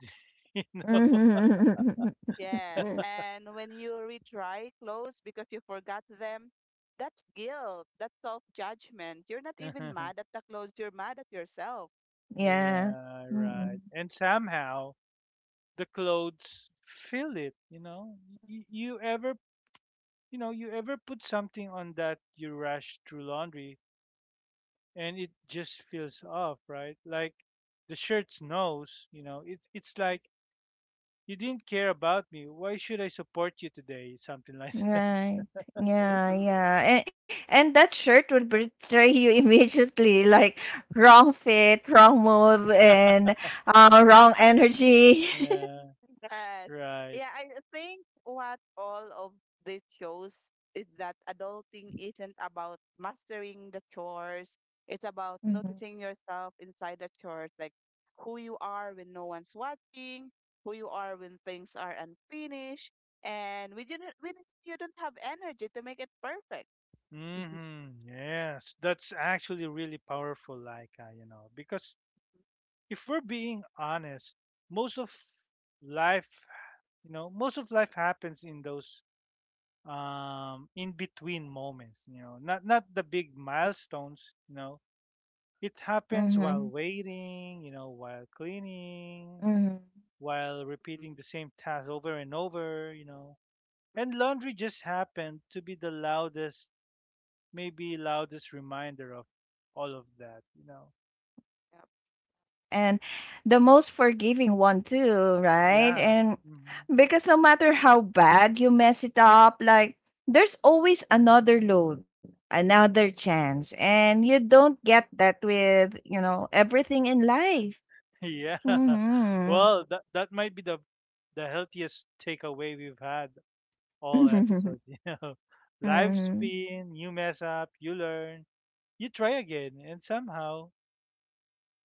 You know?
Mhm.
Yes, and when you retry clothes because you forgot them, that's guilt, that's self-judgment. You're not even mad at the clothes, you're mad at yourself.
Yeah.
Yeah, right.
Mhm.
And somehow the clothes fill it, you know? You ever, you know, you ever put something on that you rush through laundry and it just feels off, right? Like the shirt's nose, you know, it's like, you didn't care about me. Why should I support you today? Something like
Right.
that.
Yeah, yeah. And that shirt would betray you immediately, like wrong fit, wrong move, and wrong energy.
Yeah,
Yes.
right.
Yeah, I think what all of this shows is that adulting isn't about mastering the chores. It's about
Mm-hmm.
noticing yourself inside the chores, like who you are when no one's watching, who you are when things are unfinished, and when you don't have energy to make it perfect.
Mm-hmm. Yes, that's actually really powerful, like you know, because if we're being honest, most of life, you know, most of life happens in those in between moments, you know, not the big milestones, you know. It happens
Mm-hmm.
while waiting, you know, while cleaning,
Mm-hmm.
while
Yep.
repeating the same task over and over, you know. And laundry just happened to be the loudest maybe loudest reminder of all of that, you know.
And the most forgiving one too, right?
Yeah.
And
Hmm.
because no matter how bad you mess it up, like there's always another load, another chance, and you don't get that with everything in life.
Yeah.
Mm-hmm.
Well, that might be the healthiest takeaway we've had all
Mhm,
episode, Life
mhm,
spin, you mess up, you learn, you try again, and somehow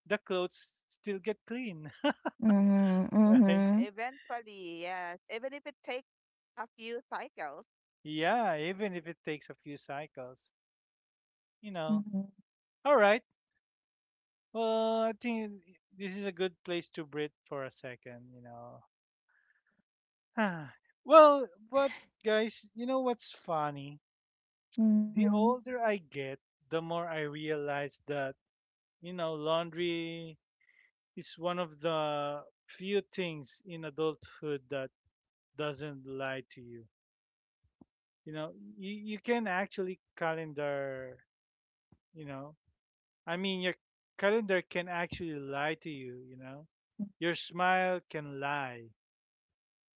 the clothes still get clean, right?
mhm,
Eventually, yes. Even if it takes a few cycles.
Yeah, even if it takes a few cycles, you know.
mhm,
All right. Well, I think this is a good place to breathe for a second, Ah, well, but guys, you know what's funny?
mhm.
The older I get, the more I realize that, laundry is one of the few things in adulthood that doesn't lie to you. You know, you can actually calendar, you know, I mean, your calendar can actually lie to you, you know. Your smile can lie.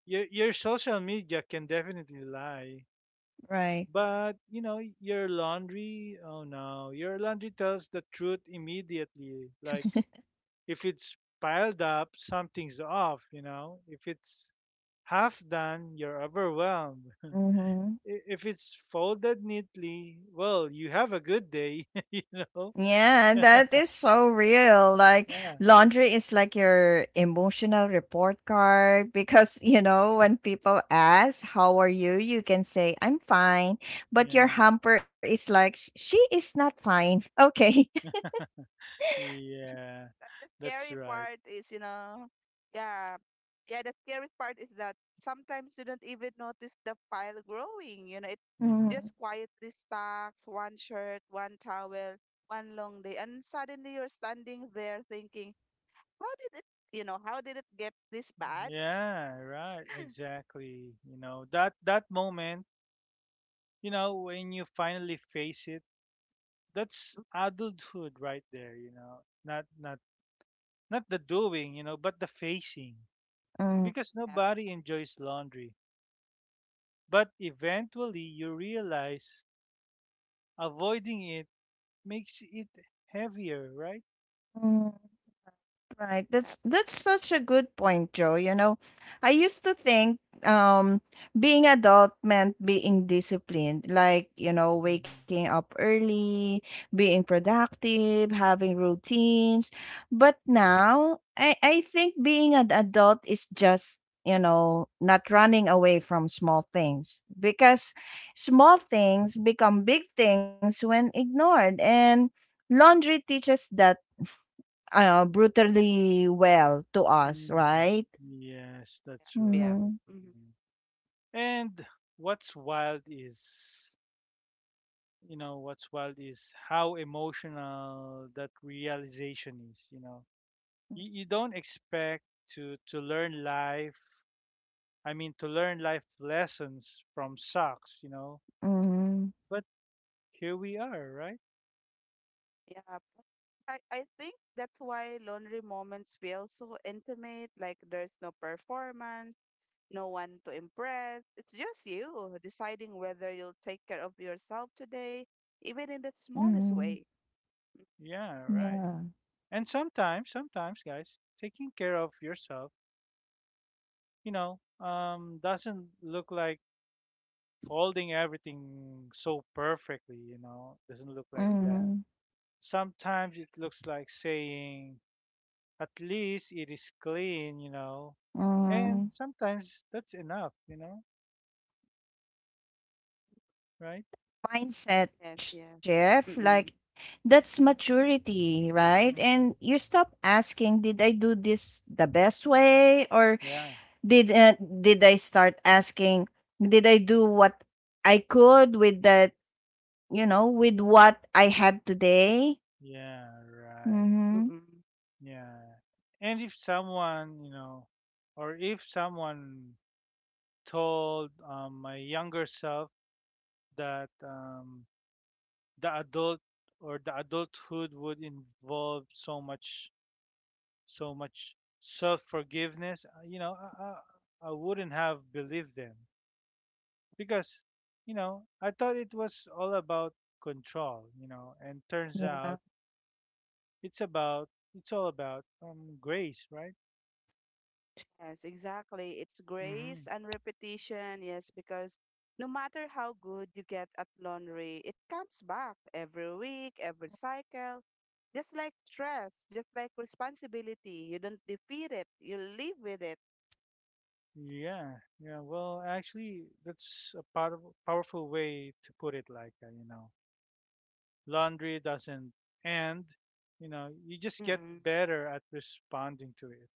Your social media can definitely lie.
Right.
But your laundry, oh no, your laundry tells the truth immediately. Like if it's piled up, something's off. If it's half done, you're overwhelmed.
Mhm.
If it's folded neatly, well, you have a good day, you know.
Yeah, that is so real. Like
Yeah,
laundry is like your emotional report card, because when people ask how are you, you can say I'm fine, but your
yeah,
hamper is like, She is not fine. Okay."
yeah.
The
That's
scary
right.
part is, yeah, yeah, the scary part is that sometimes you don't even notice the pile growing. You know, it
Hmm.
just quietly stacks one shirt, one towel, one long day, and suddenly you're standing there thinking, how did it, how did it get this bad?
Yeah, right. Exactly. That moment, when you finally face it, that's adulthood right there, not not the doing, but the facing,
Mhm,
because
Yeah,
nobody enjoys laundry, but eventually you realize avoiding it makes it heavier, right?
mhm. Right.
yeah,
That's such a good point, Joe. I used to think being adult meant being disciplined, like,
Hmm.
waking up early, being productive, having routines. But now I think being an adult is just, not running away from small things, because small things become big things when ignored, and laundry teaches that, Ano, brutally well to us,
Hmm.
right?
Yes, that's
yeah, yeah.
right.
Mhm,
Mhm,
Mm. And what's wild is what's wild is how emotional that realization is, you don't expect to learn life, I mean, to learn life lessons from socks,
mhm,
but here we are, right?
yeah. I think that's why laundry moments feel so intimate, like there's no performance no one to impress. It's just you deciding whether you'll take care of yourself today, even in the smallest
mhm,
way.
Yeah, right.
yeah,
And sometimes sometimes guys, taking care of yourself, doesn't look like folding everything so perfectly, doesn't look like
Mm-hmm.
that.
mhm,
Sometimes it looks like saying, at least it is clean. And
mhm.
sometimes that's enough, right?
Mindset
Yes, yes.
shift,
Mm-mm.
like that's maturity, right?
Mhm.
And you stop asking, did I do this the best way, or
Yeah,
did uh, did I start asking, did I do what I could with that, with what I had today?
yeah, right.
Mm-hmm.
Mm-mm.
Yeah. And if someone, or if someone told my younger self that the adult or the adulthood would involve so much, so much self-forgiveness, I wouldn't have believed them because, I thought it was all about control, and turns
Yeah.
out it's about, it's all about grace, right?
Yes, exactly. It's
Hmm.
grace and repetition. Yes, because no matter how good you get at laundry, it comes back every week, every cycle. Just like stress, just like responsibility, you don't defeat it, you live with it.
Yeah, yeah. Well, actually, that's a powerful way to put it. Like, laundry doesn't end. You just get
Mm-mm.
better at responding to it.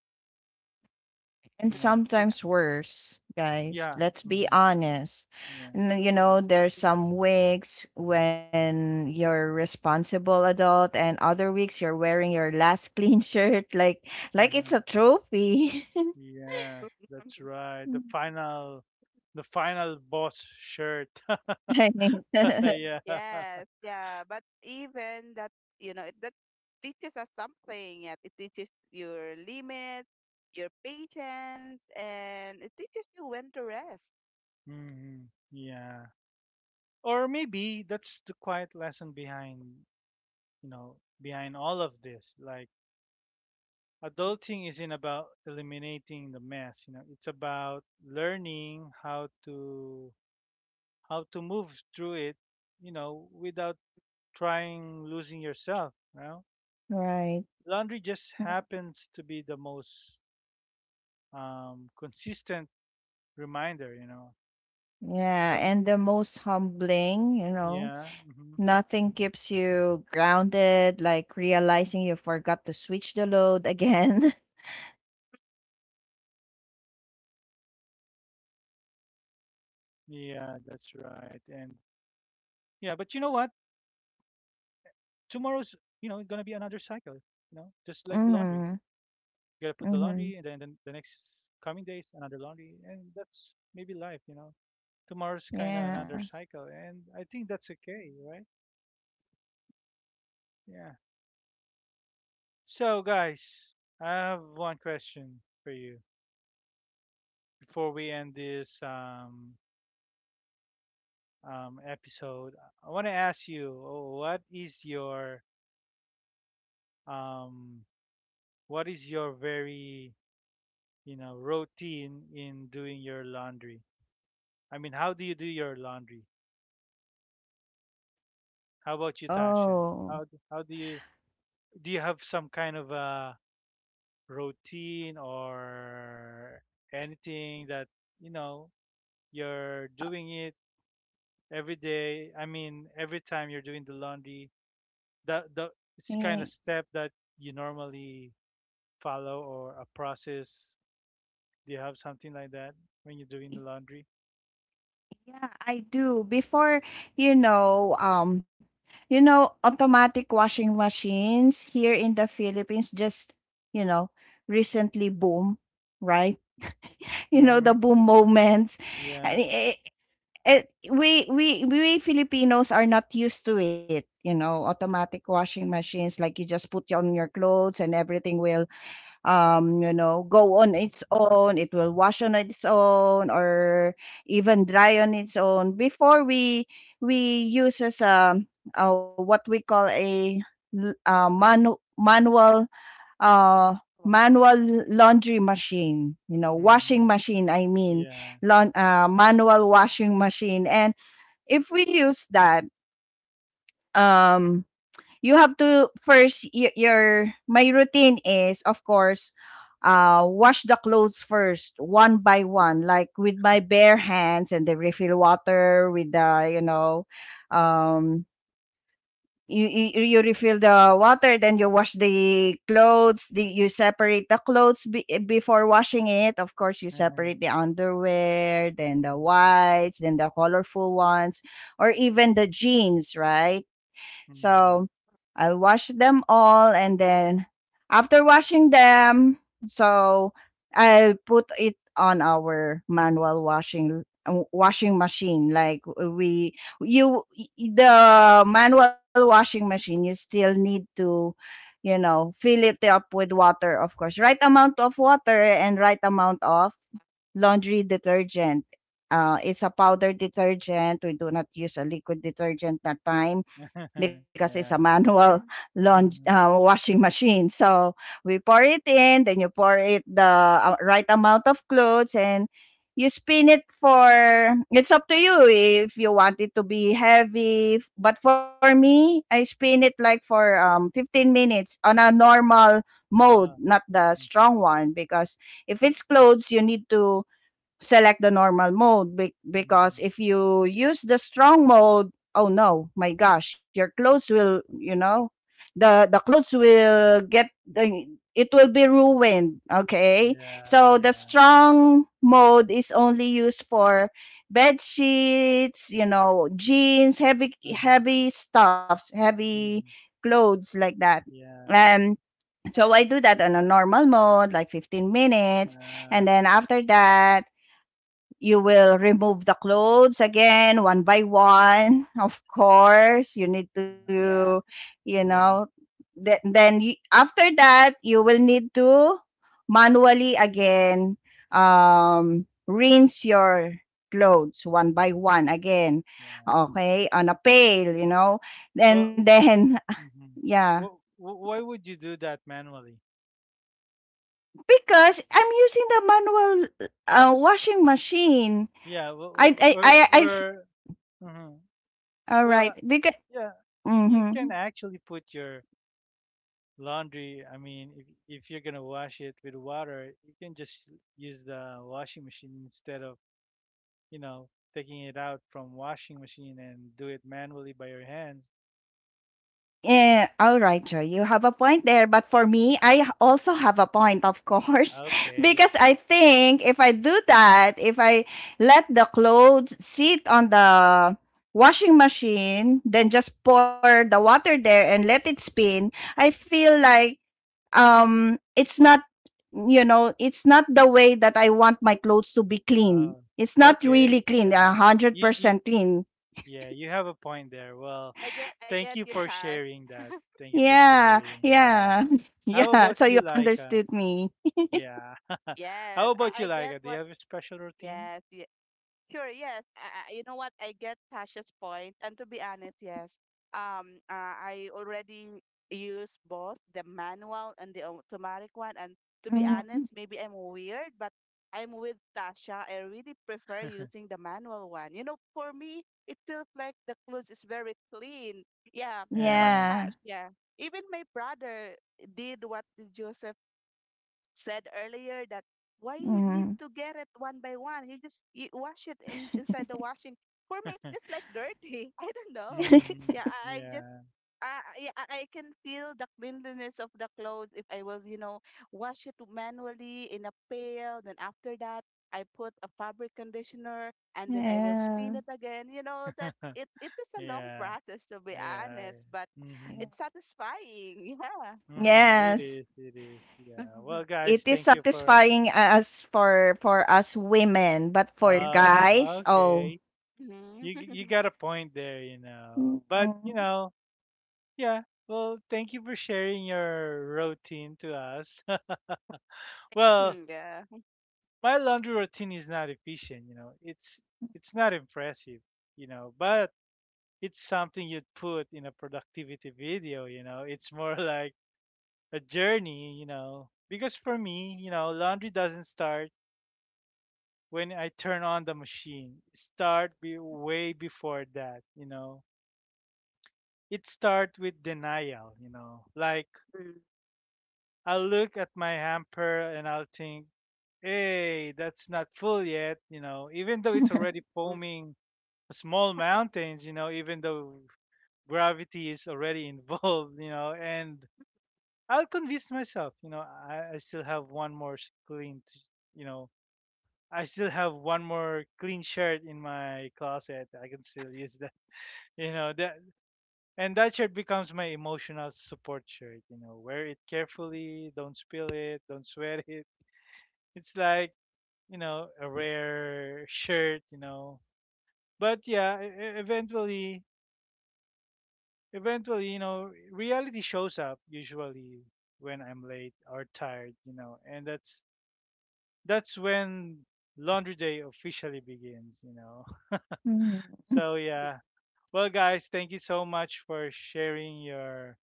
And
You know.
Yeah.
sometimes worse, guys.
Yeah.
Let's be
Hmm.
honest.
Yeah.
You know,
Yes.
there's some weeks when you're responsible adult and other weeks you're wearing your last clean shirt, like
uh
it's
huh.
a trophy.
Yeah. That's right. The final boss shirt.
Right.
Yeah.
Yes, yeah, but even that, you know, it, that teaches us something. Yeah, it teaches your limits, your patience, and it teaches you when to rest.
Hmm. Yeah. Or maybe that's the quiet lesson behind, behind all of this. Like
Mm,
adulting isn't about eliminating the mess, it's about learning how to move through it, without trying losing yourself.
Right.
Laundry just
Mm.
happens to be the most consistent reminder,
Yeah,
the
and the most humbling,
yeah. Hmm.
nothing keeps you grounded, like realizing you forgot to switch the load again.
Yeah, that's right. And yeah, but you know what, tomorrow's gonna be another cycle, you know just like the laundry. Gotta put the
Mm-hmm.
laundry, and then the
Mm-hmm.
next coming days, another laundry, and that's maybe life, tomorrow's kind of another
Yeah.
cycle, and I think that's okay, right? Yeah. So guys, I have one question for you before we end this episode. I want to ask you, oh, um what is your very routine in doing your laundry? I mean, how do you do your laundry? How about you, Tasha?
Oh,
How do you, do you have some kind of a routine or anything that you know you're doing it every day? I mean, every time you're doing the laundry, the it's
eh,
kind of step that you normally follow or a process. Do you have something like that when you're doing the laundry?
yeah, I do. Before, you know, um, automatic washing machines here in the Philippines just, you know, recently boom, right?
yeah.
Mm-hmm.
The boom
Mhm.
moments.
Yeah.
It, it, we Filipinos are not used to it, automatic washing machines, like you just put on your clothes and everything will go on its own. It will wash on its own, or even dry on its own. Before, we use as what we call a, l- uh manu- manual uh
Wa-
manual
Yeah.
laundry machine, washing
Mm-hmm.
machine, I mean.
Yeah.
Manual washing machine. And if we use that, um you have to first, y- your my routine is, of course, wash the clothes first one by one, like with my bare hands, and then refill water with the um you refill the water. Then you wash the clothes, you separate the clothes, before washing it. Of course, you
Uh-huh.
separate the underwear, then the
Mm-hmm.
whites, then the colorful ones, or even the jeans, right? So
Mm-hmm.
I wash them all, and then after washing them, so I'll put it on our manual washing machine. Like we, you, the manual washing machine, you still need to, fill it up with water, of course, right amount of water and right amount of laundry detergent. It's a powder detergent. We do not use a liquid detergent that time, because it's
yeah.
a manual laund
Mm-hmm.
washing machine. So we pour it in, then you pour it, the right amount of clothes, and you spin it for, it's up to you if you want it to be heavy, but for me I spin it like for 15 minutes on a normal mode,
Ah.
not the
Mm-hmm.
strong one, because if it's clothes, you need to select the normal mode, because
Mm,
if you use the strong mode, oh no my gosh, your clothes will, the clothes will get it will be ruined, okay?
yeah,
So the
yeah.
strong mode is only used for bed sheets, jeans, heavy,
Uh-huh.
heavy stuffs, heavy
Hmm.
clothes like that.
Yeah.
And so
Yeah.
I do that on a normal mode, like 15 minutes,
Uh,
and then after that you will remove the clothes again one by one. Of course, you need
yeah.
to,
Yeah.
you know,
Yeah.
then you, after that, you will need to manually again rinse your clothes one by one
Yeah.
again.
Yeah.
Okay, on a pail. And
Well,
then,
mm-hmm.
yeah,
Why would you do that manually?
because I'm using the manual washing machine.
Yeah. wh-
I
wh-
I
We're
I I.
we're. Mhm.
All
Well,
right, because.
yeah. You
Mm-hmm.
can actually put your laundry. I mean, if you're gonna wash it with water, you can just use the washing machine instead of you know taking it out from washing machine and do it manually by your hands.
Yeah, all right, Joy. You have a point there. But for me, I also have a point, of course,
Okay.
because I think if I do that, if I let the clothes sit on the washing machine, then just pour the water there and let it spin, I feel like um it's not it's not the way that I want my clothes to be clean.
Oh,
It's not
okay.
really clean, a
Yeah.
hundred
You, you,
percent clean.
yeah, you have a point there. Well,
I get I
thank
get
you
you,
for
Tash.
sharing that. Thank you for
Yeah,
sharing. Yeah.
Yeah.
yeah,
How about
yeah. So
you,
you
Laika?
understood me.
Yeah.
Yes,
How about you,
I get
Laika? Do you
what
have a special routine?
yes, sure, yes. You know what? I get Tasha's point, and to be honest, yes. I already use both the manual and the automatic one, and to be honest,
Mhm.
maybe I'm weird, but I'm with Tasha. I really prefer using the manual one. You know, for me, it feels like the clothes is very clean. Yeah. You know what,
Yeah.
Yeah.
Tash? Yeah. Even my brother did what the Joseph said earlier, that why you need to
Mhm.
get it one by one? You just, you wash it in inside the washing. For me, it feels like dirty. I don't know.
Mm.
Yeah, I just
Yeah.
I yeah, I can feel the cleanliness of the clothes if I was, you know, wash it manually in a pail. Then after that, I put a fabric conditioner and then I will spin
Yeah.
it again. You know that it is a long
Yeah.
process to be
Yeah.
honest, but
Yeah.
Mm-hmm.
it's satisfying. Yeah.
Mm-hmm. It
Yes.
is. It is. Yeah. Well,
It
guys,
is
thank you for.
satisfying as for us women, but for
Oh,
guys, oh.
okay.
Mhm.
You got a point there, But
Mhm.
yeah. Well, thank you for sharing your routine to us. well,
Mm, yeah.
my laundry routine is not efficient, it's not impressive, but it's something you'd put in a productivity video, It's more like a journey, Because for me, laundry doesn't start when I turn on the machine. It start be way before that, It start with denial, Like
Mm,
I'll look at my hamper and I'll think, hey, that's not full yet, even though it's already
mm.
foaming small mountains, even though gravity is already involved, and I'll convince myself, I still have one more clean, you know, I still have one more clean shirt in my closet. I can still use that, that, and that shirt becomes my emotional support shirt, wear it carefully, don't spill it, don't sweat it. It's like a rare shirt, but yeah, eventually, eventually, reality shows up usually when I'm late or tired, and that's when laundry day officially begins,
Mhm.
so yeah, well guys, thank you so much for sharing your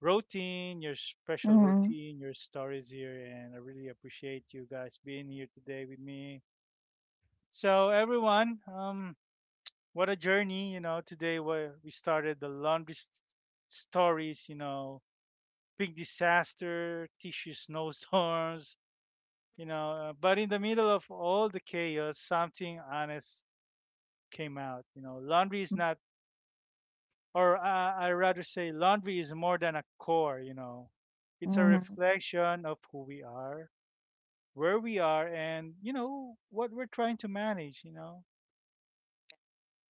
routine, your special
Mhm.
routine, your stories here, and I really appreciate you guys being here today with me. So everyone, what a journey, Today where we started the longest stories, big disaster, tissue snowstorms, but in the middle of all the chaos, something honest came out. You know, laundry is not, or I rather say, laundry is more than a core. It's a reflection of who we are, where we are, and you know what we're trying to manage. You know.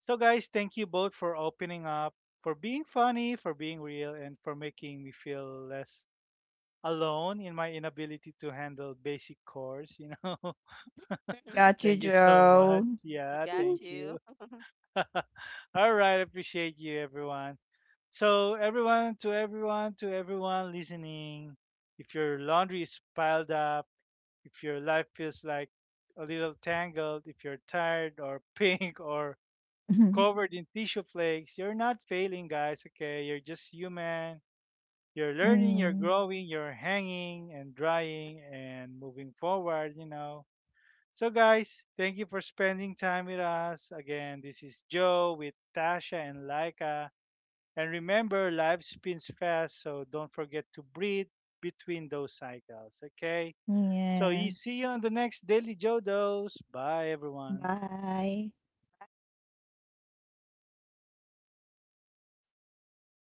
So, guys, thank you both for opening up, for being funny, for being real, and for making me feel less alone in my inability to handle basic chores. You know,
Got you,
thank you so
Joe.
much. Yeah,
Got
thank
you.
you. All right, appreciate you, everyone. So, everyone, to everyone, to everyone listening, if your laundry is piled up, if your life feels like a little tangled, if you're tired or pink or
Mhm.
covered in tissue flakes. You're not failing, guys, okay? You're just human. You're learning, you're
Mhm.
growing, you're hanging and drying and moving forward, So, guys, thank you for spending time with us. Again, this is Joe with Tasha and Laika. And remember, life spins fast, so don't forget to breathe between those cycles, okay? So,
Yeah.
you see you on the next Daily Joe Dose. Bye, everyone.
Bye.